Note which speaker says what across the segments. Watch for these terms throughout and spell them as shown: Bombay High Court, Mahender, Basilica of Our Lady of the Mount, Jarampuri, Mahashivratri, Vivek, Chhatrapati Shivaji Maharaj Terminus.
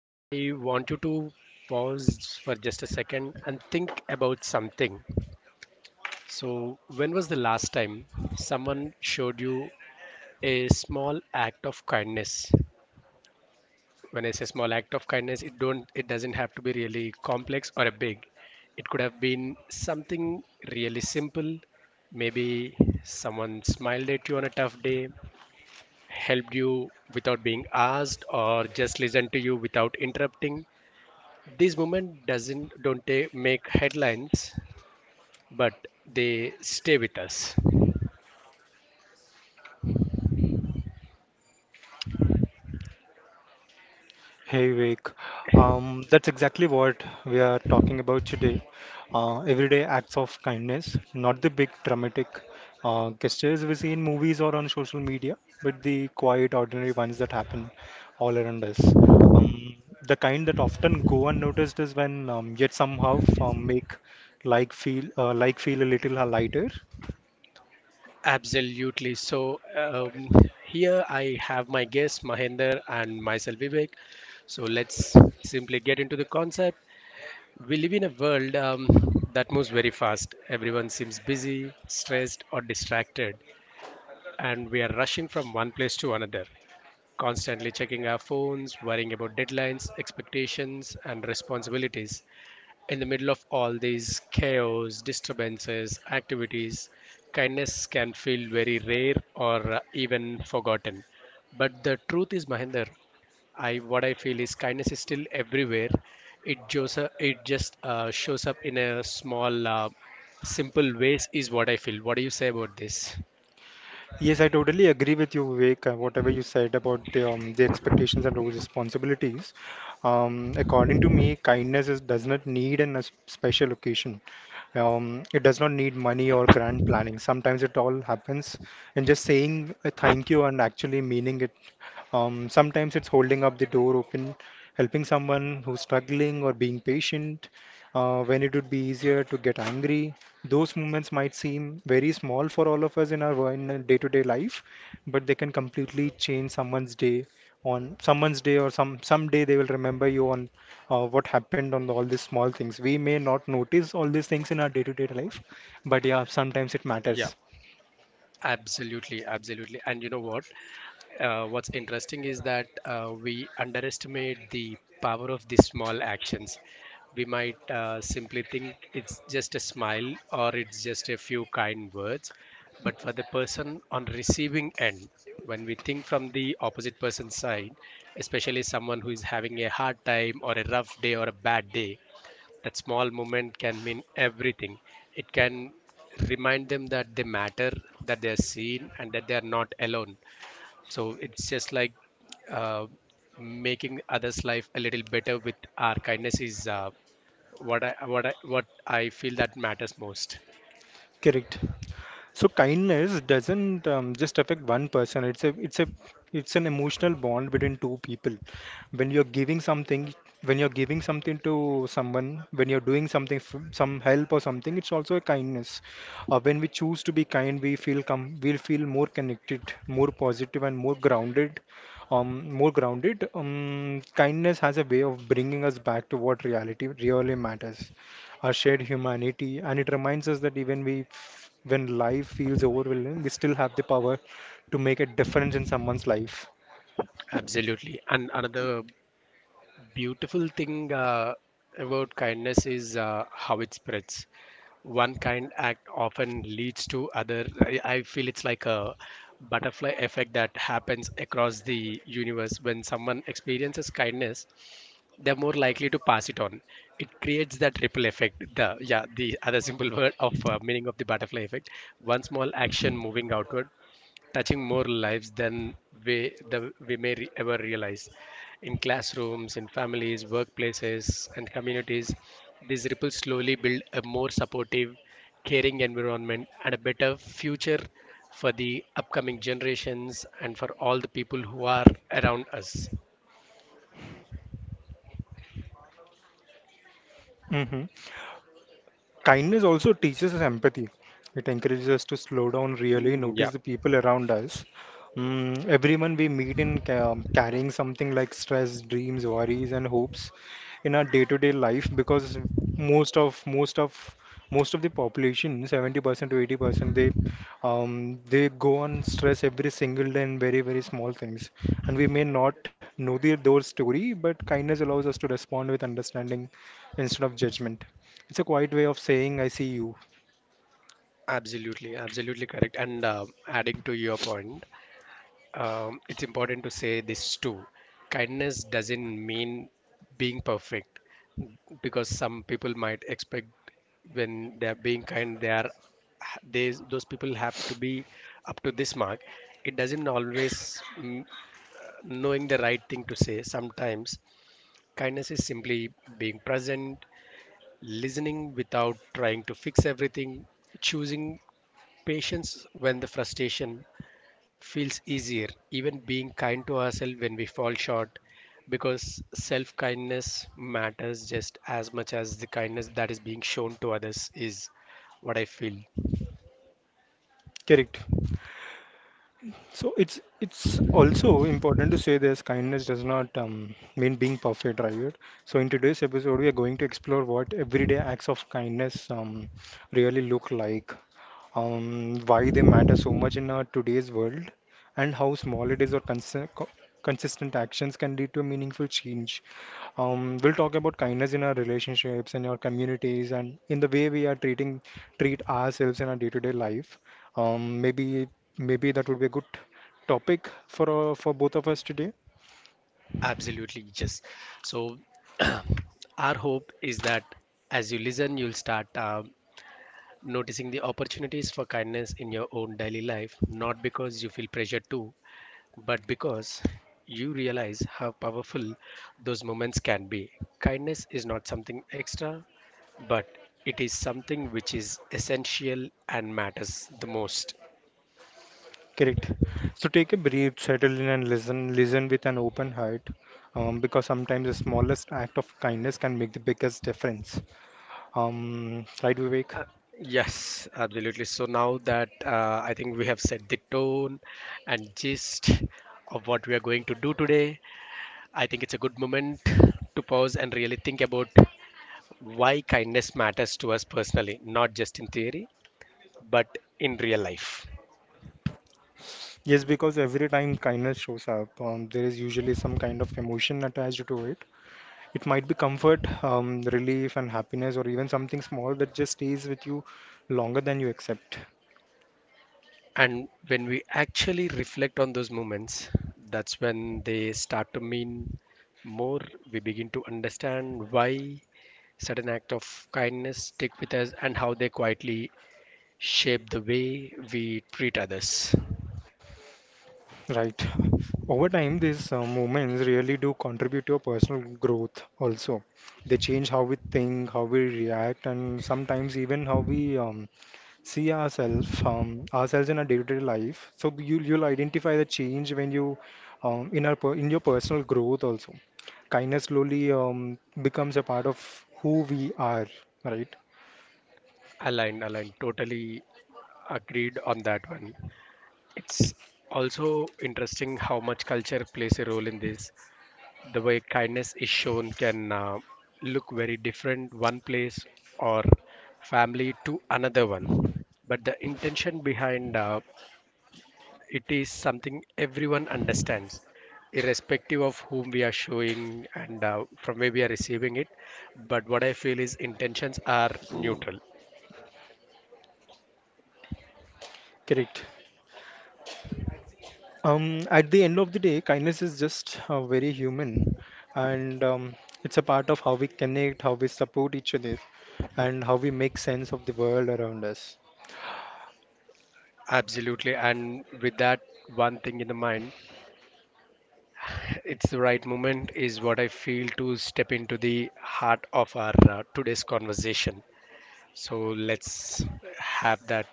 Speaker 1: I want you to pause for just a second and think about something. So, when was the last time someone showed you a small act of kindness? When I say small act of kindness, it doesn't have to be really complex or a big. It could have been something really simple. Maybe someone smiled at you on a tough day, helped you without being asked, or just listened to you without interrupting. This moment doesn't don't ta- make headlines, but they stay with us.
Speaker 2: Hey Vivek, that's exactly what we are talking about today. Everyday acts of kindness, not the big dramatic gestures we see in movies or on social media, but the quiet, ordinary ones that happen all around us. Um, the kind that often go unnoticed is when, yet somehow make like feel a little lighter.
Speaker 1: Absolutely. So here I have my guest Mahender and myself Vivek. So let's simply get into the concept. We live in a world that moves very fast. Everyone seems busy, stressed, or distracted, and we are rushing from one place to another, constantly checking our phones, worrying about deadlines, expectations, and responsibilities. In the middle of all these chaos, disturbances, activities, kindness can feel very rare or even forgotten. But the truth is, Mahinder, I what I feel is kindness is still everywhere. It just shows up in a small, simple ways is what I feel. What do you say about this?
Speaker 2: Yes, I totally agree with you, Vivek, whatever you said about the expectations and those responsibilities. According to me, does not need a special occasion. It does not need money or grand planning. Sometimes it all happens in just saying a thank you and actually meaning it. Sometimes it's holding up the door open, helping someone who's struggling or being patient when it would be easier to get angry. Those moments might seem very small for all of us in our day-to-day life, but they can completely change someone's day on someone's day or someday they will remember you on what happened on all these small things. We may not notice all these things in our day-to-day life, but yeah, sometimes it
Speaker 1: Yeah.
Speaker 2: matters.
Speaker 1: Absolutely, absolutely. And you know what? What's interesting is that we underestimate the power of these small actions. We might simply think it's just a smile or it's just a few kind words, but for the person on receiving end, when we think from the opposite person's side, especially someone who is having a hard time or a rough day or a bad day, that small moment can mean everything. It can remind them that they matter, that they're seen, and that they're not alone. So it's just like uh, making others' life a little better with our kindness is what I feel that matters most.
Speaker 2: Correct. So kindness doesn't just affect one person. It's an emotional bond between two people. When you're giving something, when you're giving something to someone, when you're doing something, some help or something, it's also a kindness. When we choose to be kind, we'll feel more connected, more positive, and more grounded. More grounded. Kindness has a way of bringing us back to what reality really matters, our shared humanity, and it reminds us that even when life feels overwhelming, we still have the power to make a difference in someone's life.
Speaker 1: Absolutely. And another beautiful thing about kindness is how it spreads. One kind act often leads to other. I feel it's like a butterfly effect that happens across the universe. When someone experiences kindness, they're more likely to pass it on. It creates that ripple effect. The yeah, the other simple word of meaning of the butterfly effect. One small action moving outward, touching more lives than we, the, we may re- ever realize. In classrooms, in families, workplaces, and communities, these ripples slowly build a more supportive, caring environment and a better future for the upcoming generations and for all the people who are around us.
Speaker 2: Hmm. Kindness also teaches us empathy. It encourages us to slow down, really
Speaker 1: Mm, yeah,
Speaker 2: notice the people around us. Everyone we meet carrying something like stress, dreams, worries, and hopes in our day-to-day life, because most of most of most of the population, 70% to 80%, they go on stress every single day in very very small things, and we may not know their story, but kindness allows us to respond with understanding instead of judgment. It's a quiet way of saying I see you.
Speaker 1: absolutely, absolutely correct. And adding to your point, it's important to say this too. Kindness doesn't mean being perfect, because some people might expect, when they're being kind, they those people have to be up to this mark. It doesn't always knowing the right thing to say. Sometimes kindness is simply being present, listening without trying to fix everything, choosing patience when the frustration feels easier, even being kind to ourselves when we fall short, because self kindness matters just as much as the kindness that is being shown to others, is what I feel.
Speaker 2: Correct. So it's also important to say this: kindness does not mean being perfect, right? So in today's episode, we are going to explore what everyday acts of kindness really look like, why they matter so much in our today's world, and how small it is or consistent actions can lead to a meaningful change. We'll talk about kindness in our relationships, in our communities, and in the way we are treat ourselves in our day-to-day life. Um, maybe maybe that would be a good topic for both of us today.
Speaker 1: Absolutely, yes. So, our hope is that as you listen, you'll start noticing the opportunities for kindness in your own daily life, not because you feel pressured to, but because you realize how powerful those moments can be. Kindness is not something extra, but it is something which is essential and matters the most.
Speaker 2: Correct. So take a breath, settle in, and listen. Listen with an open heart, because sometimes the smallest act of kindness can make the biggest difference. Right, Vivek?
Speaker 1: Yes, absolutely. So now that I think we have set the tone and gist of what we are going to do today, I think it's a good moment to pause and really think about why kindness matters to us personally, not just in theory, but in real life.
Speaker 2: Yes, because every time kindness shows up, there is usually some kind of emotion attached to it. It might be comfort, relief, and happiness, or even something small that just stays with you longer than you accept.
Speaker 1: And when we actually reflect on those moments, that's when they start to mean more. We begin to understand why certain act of kindness stick with us and how they quietly shape the way we treat others.
Speaker 2: Right. Over time, these moments really do contribute to your personal growth also. They change how we think, how we react, and sometimes even how we see ourselves in our day-to-day life. So you'll identify the change when you in your personal growth also. Kindness slowly becomes a part of who we are, right?
Speaker 1: Aligned, aligned, totally agreed on that one. It's also interesting how much culture plays a role in this. The way kindness is shown can look very different one place or family to another one, but the intention behind it is something everyone understands, irrespective of whom we are showing and from where we are receiving it. But what I feel is
Speaker 2: Mm.
Speaker 1: intentions are neutral.
Speaker 2: Correct. At the end of the day, kindness is just very human, and it's a part of how we connect, how we support each other, and how we make sense of the world around us.
Speaker 1: Absolutely, and with that one thing in the mind, it's the right moment is what I feel to step into the heart of our today's conversation. So let's have that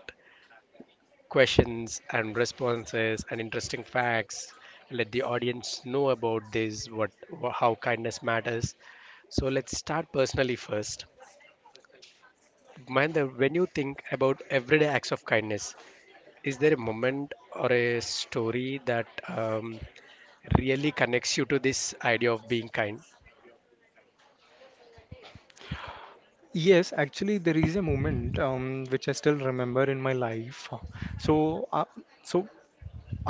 Speaker 1: questions and responses and interesting facts. Let the audience know about this, how kindness matters. So let's start personally first. Mahendra, when you think about everyday acts of kindness, is there a moment or a story that really connects you to this idea of being kind?
Speaker 2: Yes, actually, there is a moment which I still remember in my life. So, uh, so,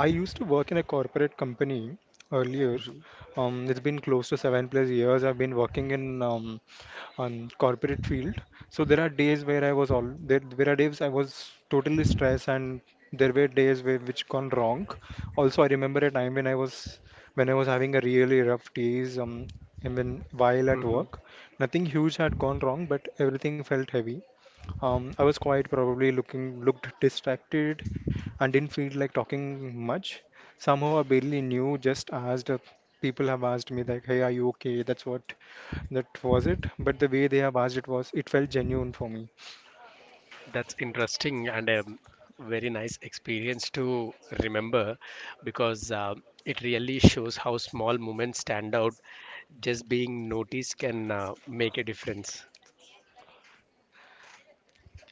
Speaker 2: I used to work in a corporate company earlier.
Speaker 1: Mhm.
Speaker 2: It's been close to seven plus years. I've been working in on corporate field. So there are days where I was all there. There are days I was totally stressed, and there were days where which gone wrong. Also, I remember a time when I was having a really rough days. And when while at
Speaker 1: Mhm.
Speaker 2: work, nothing huge had gone wrong, but everything felt heavy. I was quite probably looking looked distracted, and didn't feel like talking much. Somehow I barely knew, just asked. People have asked me like, "Hey, are you okay?" That was it. But the way they have asked it felt genuine for me.
Speaker 1: That's interesting and a very nice experience to remember, because it really shows how small moments stand out. Just being noticed can make a difference.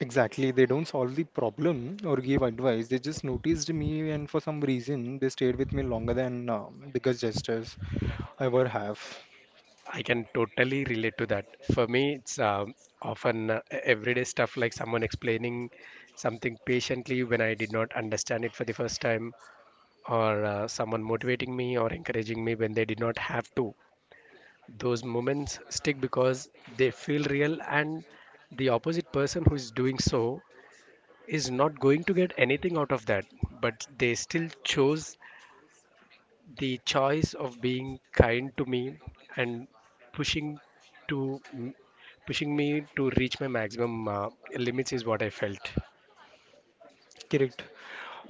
Speaker 2: Exactly, they don't solve the problem or give advice. They just noticed me, and for some reason, they stayed with me longer than bigger gestures ever have.
Speaker 1: I can totally relate to that. For me, it's often everyday stuff like someone explaining something patiently when I did not understand it for the first time, or someone motivating me or encouraging me when they did not have to. Those moments stick because they feel real and the opposite person who is doing so is not going to get anything out of that, but they still chose the choice of being kind to me and pushing to pushing me to reach my maximum limits is what I felt.
Speaker 2: Correct.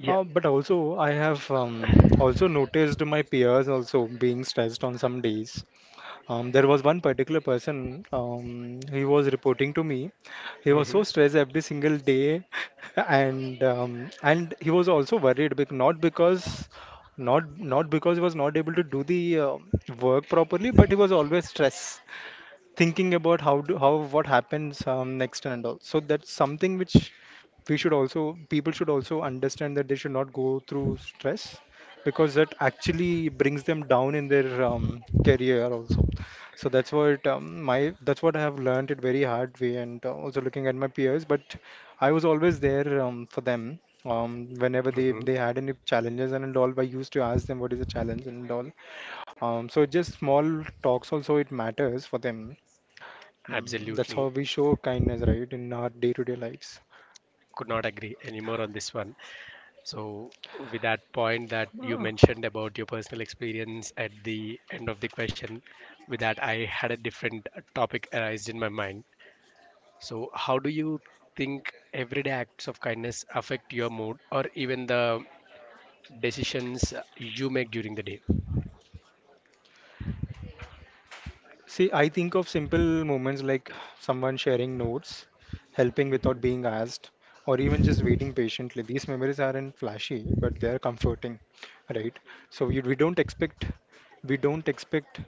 Speaker 2: But also, I have also noticed my peers also being stressed on some days. There was one particular person, he was reporting to me. He was
Speaker 1: Hmm.
Speaker 2: so stressed every single day, and he was also worried, bec not because not not because he was not able to do the work properly, but he was always stressed thinking about how do how what happens next and all. So that's something which we should also people should also understand that they should not go through stress because that actually brings them down in their career also. So that's what I have learned it very hard way and also looking at my peers. But I was always there for them. Whenever they,
Speaker 1: Hmm.
Speaker 2: they had any challenges and all, I used to ask them what is the challenge and all. So just small talks also it matters for them. That's how
Speaker 1: Absolutely,
Speaker 2: we show kindness, right, in our day-to-day lives.
Speaker 1: could not agree anymore on this one. So, with that point that you
Speaker 2: Uh,
Speaker 1: mentioned about your personal experience at the end of the question, with that, I had a different topic arised in my mind. So, how do you think everyday acts of kindness affect your mood or even the decisions you make during the day?
Speaker 2: See, I think of simple moments like someone sharing notes, helping without being asked, or even just waiting patiently. These memories aren't flashy, but they're comforting, right? So we, we don't expect we don't expect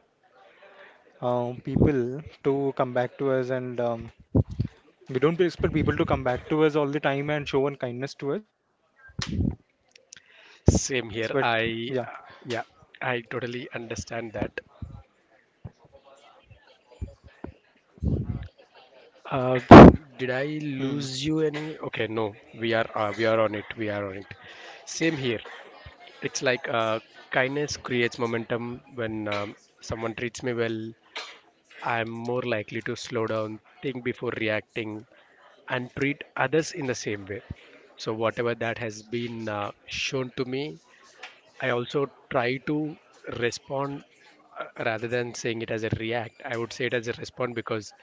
Speaker 2: uh, people to come back to us, and we don't expect people to come back to us all the time and show one kindness to us. But yeah.
Speaker 1: Same here. Yeah, I totally understand that.
Speaker 2: Hmm.
Speaker 1: Uh, did I lose you any? Okay, no, we are on it. We are on it. Same here. It's like kindness creates momentum. When someone treats me well, I'm more likely to slow down, think before reacting, and treat others in the same way. So, whatever that has been shown to me, I also try to respond, rather than saying it as a react. I would say it as a respond, because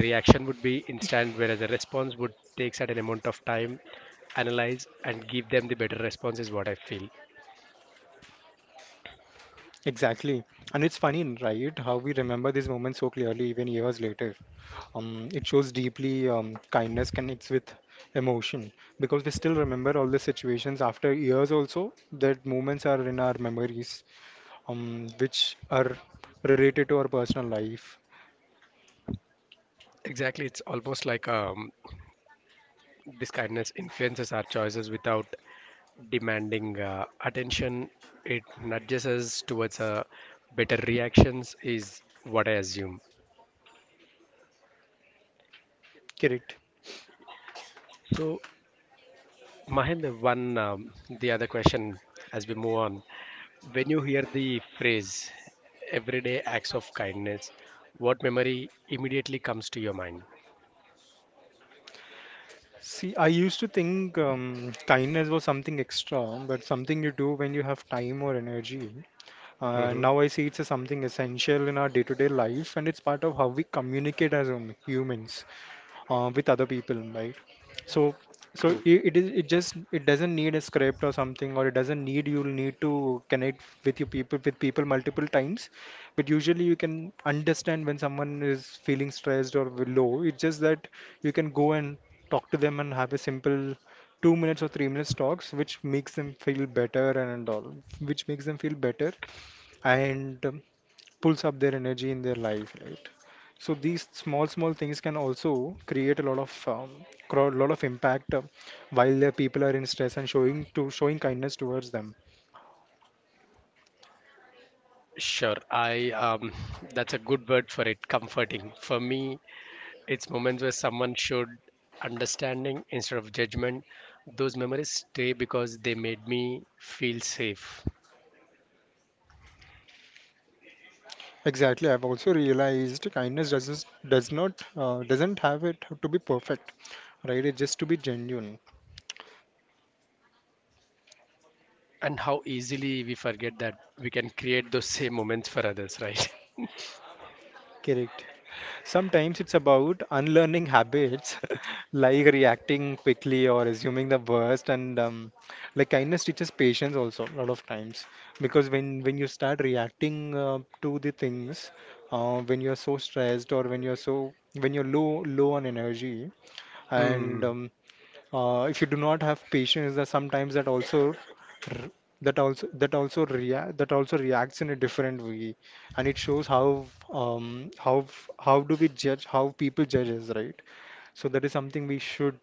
Speaker 1: reaction would be instant, whereas a response would take certain amount of time, analyze, and give them the better response, is what I feel.
Speaker 2: Exactly. And it's funny, right, how we remember these moments so clearly even years later. It shows deeply kindness connects with emotion, because we still remember all the situations after years also that moments are in our memories, which are related to our personal life.
Speaker 1: Exactly, it's almost like a this kindness influences our choices without demanding attention. It nudges us towards better reactions, is what I assume.
Speaker 2: Correct.
Speaker 1: So, Mahendra, one the other question as we move on. When you hear the phrase "everyday acts of kindness," what memory immediately comes to your mind?
Speaker 2: See, I used to think kindness was something extra, but something you do when you have time or energy.
Speaker 1: Mm-hmm.
Speaker 2: Now I see it's a something essential in our day-to-day life, and it's part of how we communicate as humans with other people, right? So, so
Speaker 1: True.
Speaker 2: I- it is it just it doesn't need a script or something, or it doesn't need you'll need to connect with people multiple times. But usually you can understand when someone is feeling stressed or low. It's just that you can go and talk to them and have a simple 2 minutes or 3 minutes talks, which makes them feel better and pulls up their energy in their life, right? So these small, small things can also create a lot of impact while the people are in stress and showing kindness towards them.
Speaker 1: Sure. I That's a good word for it. Comforting for me. It's moments where someone showed understanding instead of judgment. Those memories stay because they made me feel safe.
Speaker 2: Exactly, I've also realized kindness doesn't have it to be perfect, right? It just to be genuine.
Speaker 1: And how easily we forget that we can create those same moments for others, right?
Speaker 2: Correct. Sometimes it's about unlearning habits like reacting quickly or assuming the worst, and like kindness teaches patience also a lot of times, because when you start reacting to the things when you're so stressed or when you're low on energy
Speaker 1: Mm,
Speaker 2: and if you do not have patience, that sometimes that also r- that also react that also reacts in a different way, and it shows um how how people judge us, right? So that is something we should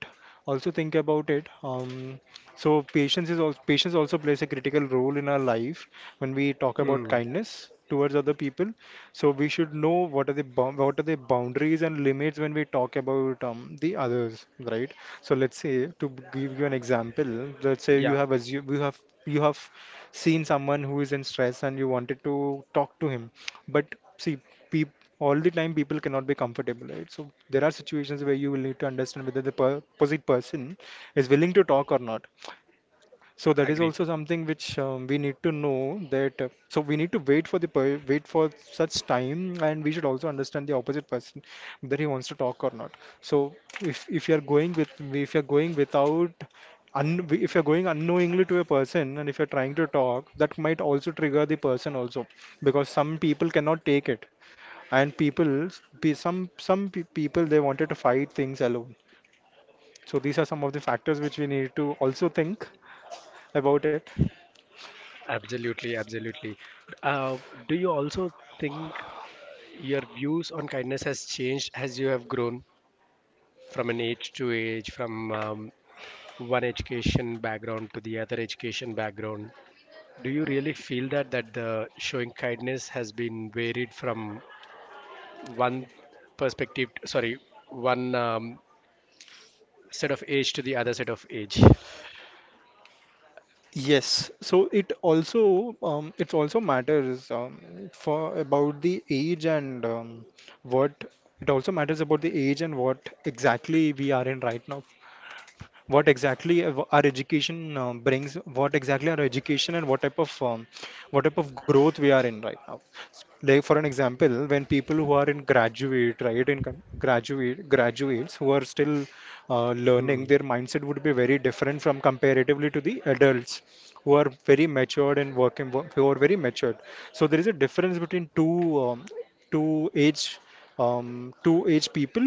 Speaker 2: also think about it. So patience also plays a critical role in our life when we talk about
Speaker 1: mm,
Speaker 2: kindness towards other people. So we should know what are what are the boundaries and limits when we talk about the others, right? So let's say to give you an example, let's say
Speaker 1: yeah,
Speaker 2: you have assumed, you have seen someone who is in stress and you wanted to talk to him but see, peop all the time people cannot be comfortable, right? So there are situations where you will need to understand whether the opposite person is willing to talk or not. So that is
Speaker 1: agree.
Speaker 2: also something which we need to know that so we need to wait for the per wait for such time, and we should also understand the opposite person whether he wants to talk or not. So if you are going with if you're going without un if you're going unknowingly to a person, and if you're trying to talk, that might also trigger the person also because some people cannot take it, and people be some pe people they wanted to fight things alone. So these are some of the factors which we need to also think about it.
Speaker 1: Absolutely, absolutely. Uh, do you also think your views on kindness has changed as you have grown from an age to age, from one education background to the other education background? Do you really feel that the showing kindness has been varied from one perspective, sorry, one set of age to the other set of age?
Speaker 2: Yes, so it also matters, for about the age and what it also matters about the age and what exactly we are in right now. What exactly our education brings, what exactly our education and what type of growth we are in right now. Like for an example, when people who are in graduate, right, in con- graduate graduates who are still learning,
Speaker 1: Hmm.
Speaker 2: their mindset would be very different from, comparatively, to the adults who are very matured and working, who are very matured so there is a difference between two age two age people.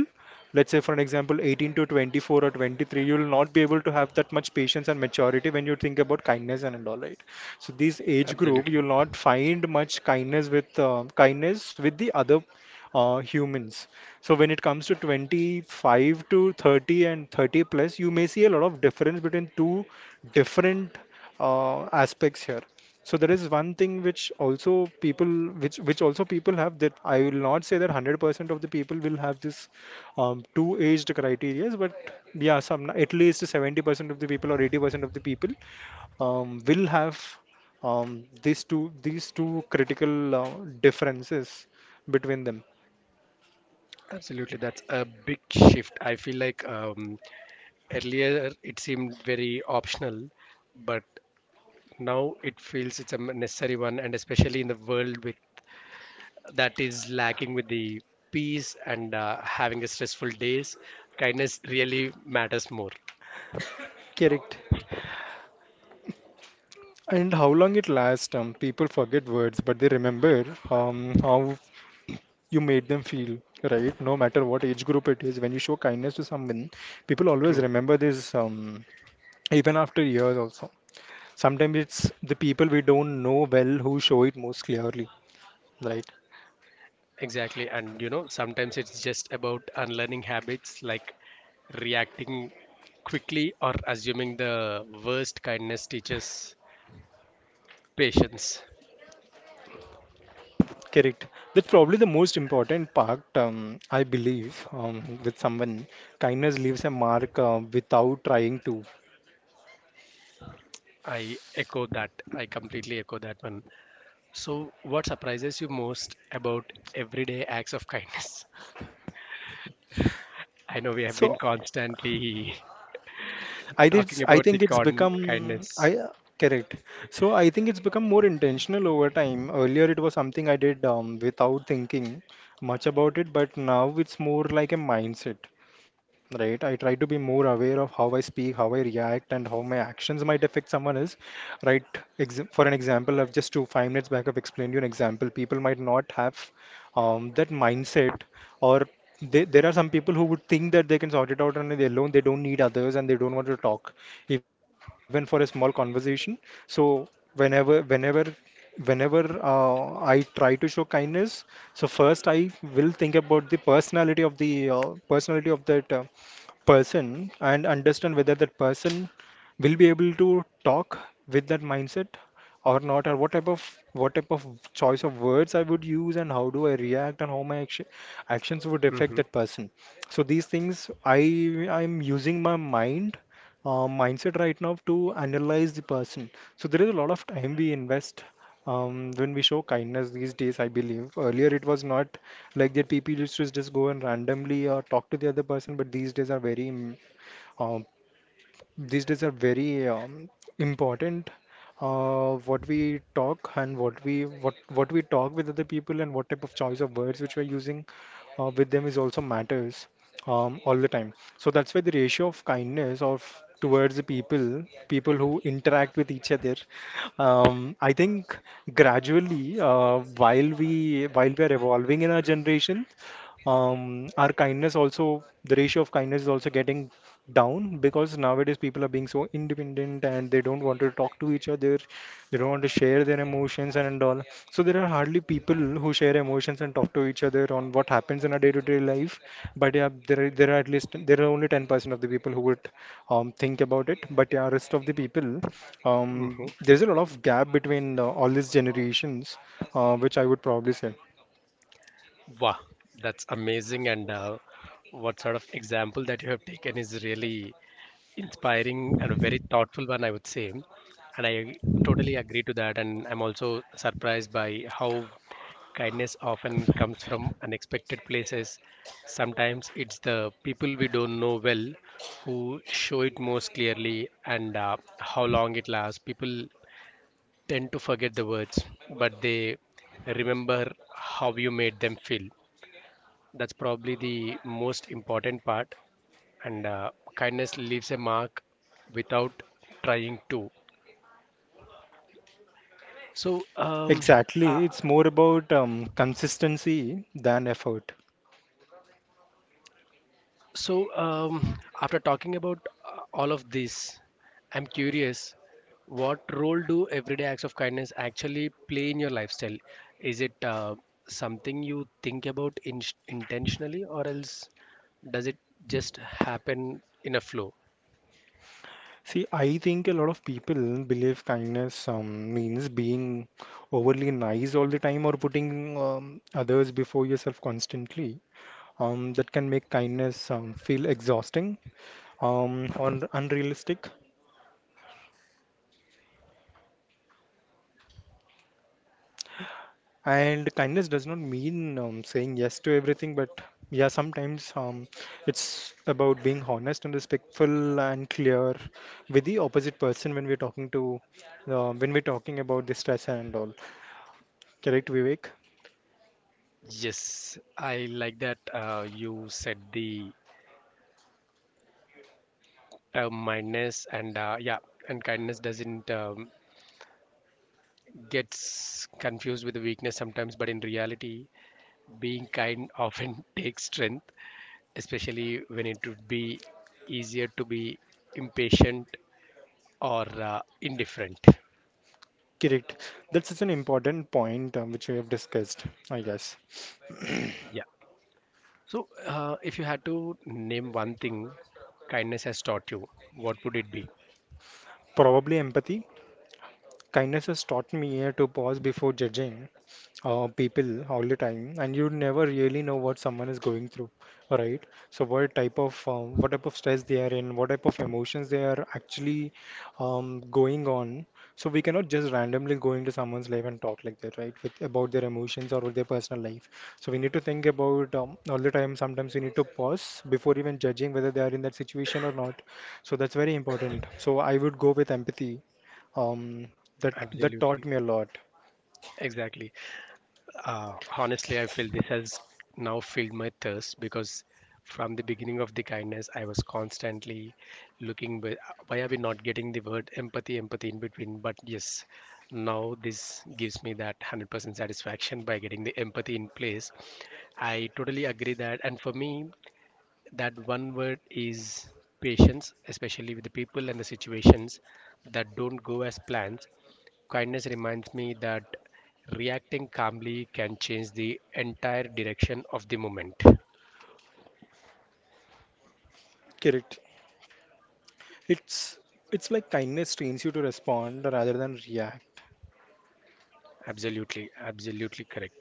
Speaker 2: Let's say for an example, 18 to 24 or 23, you will not be able to have that much patience and maturity when you think about kindness and all, right? So this age group,
Speaker 1: Absolutely.
Speaker 2: you'll not find much kindness with the other humans. So when it comes to 25 to 30 and 30 plus, you may see a lot of difference between two different aspects here. So there is one thing which also people, which also people have, that I will not say that 100% of the people will have this, two aged criterias, but yeah, some, at least 70% of the people or 80% of the people will have these two critical differences between them.
Speaker 1: Absolutely. That's a big shift. I feel like earlier it seemed very optional, but now it feels it's a necessary one, and especially in the world with, that is lacking with the peace and having a stressful days, kindness really matters more.
Speaker 2: Correct. And how long it lasts? People forget words, but they remember, how you made them feel. Right? No matter what age group it is, when you show kindness to someone, people always
Speaker 1: True.
Speaker 2: remember this, even after years also. Sometimes it's the people we don't know well who show it most clearly. Right?
Speaker 1: Exactly. And you know, sometimes it's just about unlearning habits like reacting quickly or assuming the worst. Kindness teaches patience.
Speaker 2: Correct. That's probably the most important part, I believe, with someone. Kindness leaves a mark without trying to.
Speaker 1: I echo that. I completely echo that one. So, what surprises you most about everyday acts of kindness? I know we have been
Speaker 2: So
Speaker 1: constantly talking
Speaker 2: I
Speaker 1: about the
Speaker 2: think it's
Speaker 1: con-
Speaker 2: become
Speaker 1: kindness.
Speaker 2: I Correct. So I think it's become more intentional over time. Earlier it was something I did without thinking much about it, but now it's more like a mindset, right? I try to be more aware of how I speak, how I react, and how my actions might affect someone else, right? Ex For an example, I've just two five minutes back I've explained you an example. People might not have, that mindset, or there are some people who would think that they can sort it out on their own. They don't need others, and they don't want to talk even for a small conversation. So whenever whenever whenever I try to show kindness, so first I will think about the personality of that person, and understand whether that person will be able to talk with that mindset or not, or what type of, what type of choice of words I would use, and how do I react, and how actions would affect
Speaker 1: Mm-hmm,
Speaker 2: that person. So these things, I'm using my mindset right now to analyze the person. So there is a lot of time we invest, when we show kindness these days, I believe. Earlier it was not like that. People used to just go and randomly talk to the other person, but um, these days are very, important. What we talk, and what we talk with other people, and what type of choice of words which we're using with them is also matters, all the time. So that's why the ratio of kindness of towards the people, people who interact with each other, I think gradually, while we are evolving in our generation, our kindness also, the ratio of kindness is also getting down, because nowadays people are being so independent, and they don't want to talk to each other. They don't want to share their emotions and all. So there are hardly people who share emotions and talk to each other on what happens in our day-to-day life. But yeah, there are, at least there are only 10% of the people who would, think about it, but yeah, rest of the people,
Speaker 1: mm-hmm.
Speaker 2: there's a lot of gap between all these generations, which I would probably say.
Speaker 1: Wow, that's amazing. And what sort of example that you have taken is really inspiring and a very thoughtful one, I would say. And I totally agree to that. And I'm also surprised by how kindness often comes from unexpected places. Sometimes it's the people we don't know well who show it most clearly, and how long it lasts. People tend to forget the words, but they remember how you made them feel. That's probably the most important part, and kindness leaves a mark without trying to. so um, uh,
Speaker 2: Exactly. It's more about, consistency than effort.
Speaker 1: so um, after talking about all of this, I'm curious, what role do everyday acts of kindness actually play in your lifestyle? Is it something you think about intentionally or else does it just happen in a flow?
Speaker 2: See, I think a lot of people believe kindness means being overly nice all the time, or putting, others before yourself constantly. That can make kindness, feel exhausting, or unrealistic. And kindness does not mean, saying yes to everything, but yeah, sometimes, it's about being honest and respectful and clear with the opposite person when we're talking about the stress and all. Correct, Vivek?
Speaker 1: Yes, I like that you said the mindness and yeah, and kindness doesn't gets confused with weakness sometimes, but in reality being kind often takes strength, especially when it would be easier to be impatient or indifferent.
Speaker 2: Correct. That's such an important point, which we have discussed, I guess.
Speaker 1: Yeah. So if you had to name one thing kindness has taught you, what would it be?
Speaker 2: Probably empathy. Kindness has taught me to pause before judging people all the time, and you never really know what someone is going through, right? So what type of, stress they are in, what type of emotions they are actually, going on. So we cannot just randomly go into someone's life and talk like that, right, with about their emotions or their personal life. So we need to think about, all the time, sometimes we need to pause before even judging whether they are in that situation or not. So that's very important, so I would go with empathy, um, that taught
Speaker 1: Absolutely.
Speaker 2: me a lot.
Speaker 1: Exactly. Honestly, I feel this has now filled my thirst, because from the beginning of the kindness, I was constantly looking, but why are we not getting the word empathy, empathy in between? But yes, now this gives me that 100% satisfaction by getting the empathy in place. I totally agree that. And for me, that one word is patience, especially with the people and the situations that don't go as planned. Kindness reminds me that reacting calmly can change the entire direction of the moment.
Speaker 2: Kirit. It's it's like kindness trains you to respond rather than react.
Speaker 1: Absolutely, absolutely correct.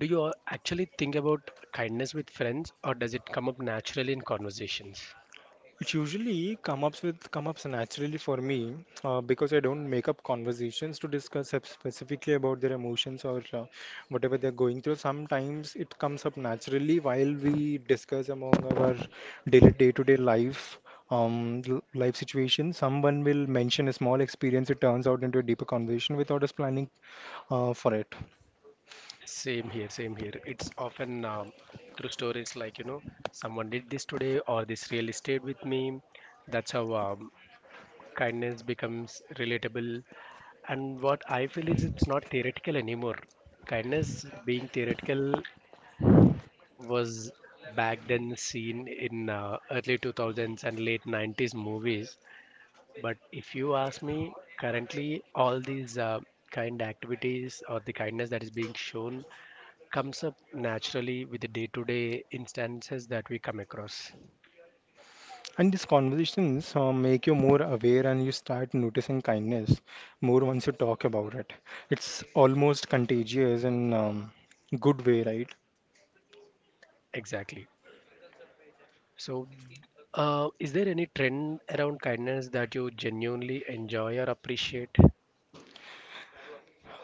Speaker 1: Do you actually think about kindness with friends, or does it come up naturally in conversations?
Speaker 2: It usually come ups naturally for me, because I don't make up conversations to discuss specifically about their emotions, or whatever they're going through. Sometimes it comes up naturally while we discuss among our daily day-to-day life, life situation. Someone will mention a small experience. It turns out into a deeper conversation without us planning for it.
Speaker 1: Same here, same here. It's often through stories like, you know, someone did this today or this really stayed with me. That's how kindness becomes relatable. And what I feel is it's not theoretical anymore. Kindness being theoretical was back then seen in early 2000s and late 90s movies, but if you ask me, currently all these kind activities or the kindness that is being shown comes up naturally with the day-to-day instances that we come across.
Speaker 2: And these conversations make you more aware, and you start noticing kindness more once you talk about it. It's almost contagious in, good way, right?
Speaker 1: Exactly. So is there any trend around kindness that you genuinely enjoy or appreciate?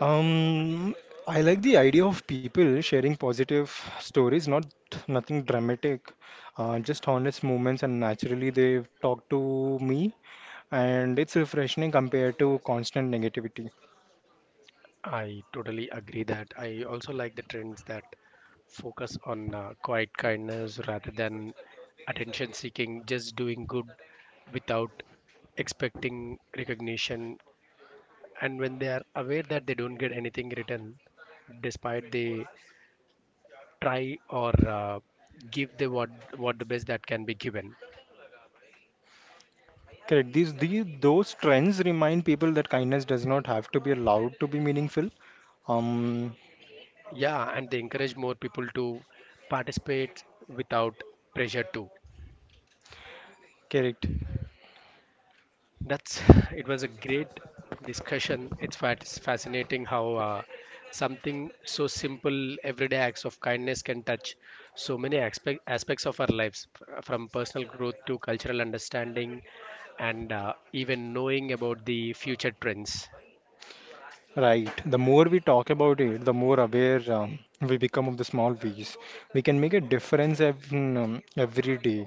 Speaker 2: Um, I like the idea of people sharing positive stories, not nothing dramatic, just honest moments, and naturally they talk to me, and it's refreshing compared to constant negativity.
Speaker 1: I totally agree that. I also like the trends that focus on quiet kindness rather than attention seeking, just doing good without expecting recognition. And when they are aware that they don't get anything written, despite they try or give the what the best that can be given.
Speaker 2: Correct. These those trends remind people that kindness does not have to be allowed to be meaningful. Um,
Speaker 1: Yeah, and they encourage more people to participate without pressure too.
Speaker 2: Correct.
Speaker 1: That's, it was a great discussion. It's fascinating how something so simple, everyday acts of kindness, can touch so many aspects of our lives, from personal growth to cultural understanding, and even knowing about the future trends.
Speaker 2: Right. The more we talk about it, the more aware, we become of the small ways. We can make a difference every day.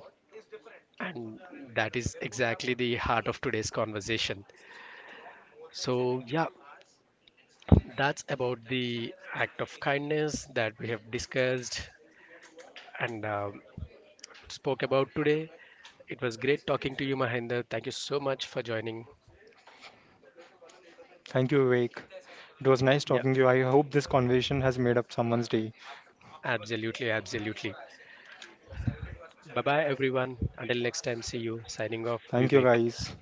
Speaker 1: And that is exactly the heart of today's conversation. So, yeah, that's about the act of kindness that we have discussed and spoke about today. It was great talking to you, Mahinder. Thank you so much for joining.
Speaker 2: Thank you, Vivek. It was nice
Speaker 1: Yeah,
Speaker 2: talking to you. I hope this conversation has made up someone's day.
Speaker 1: absolutely, absolutely. Bye bye, everyone. Until next time, see you. Signing off,
Speaker 2: Thank you,
Speaker 1: Vivek.
Speaker 2: guys.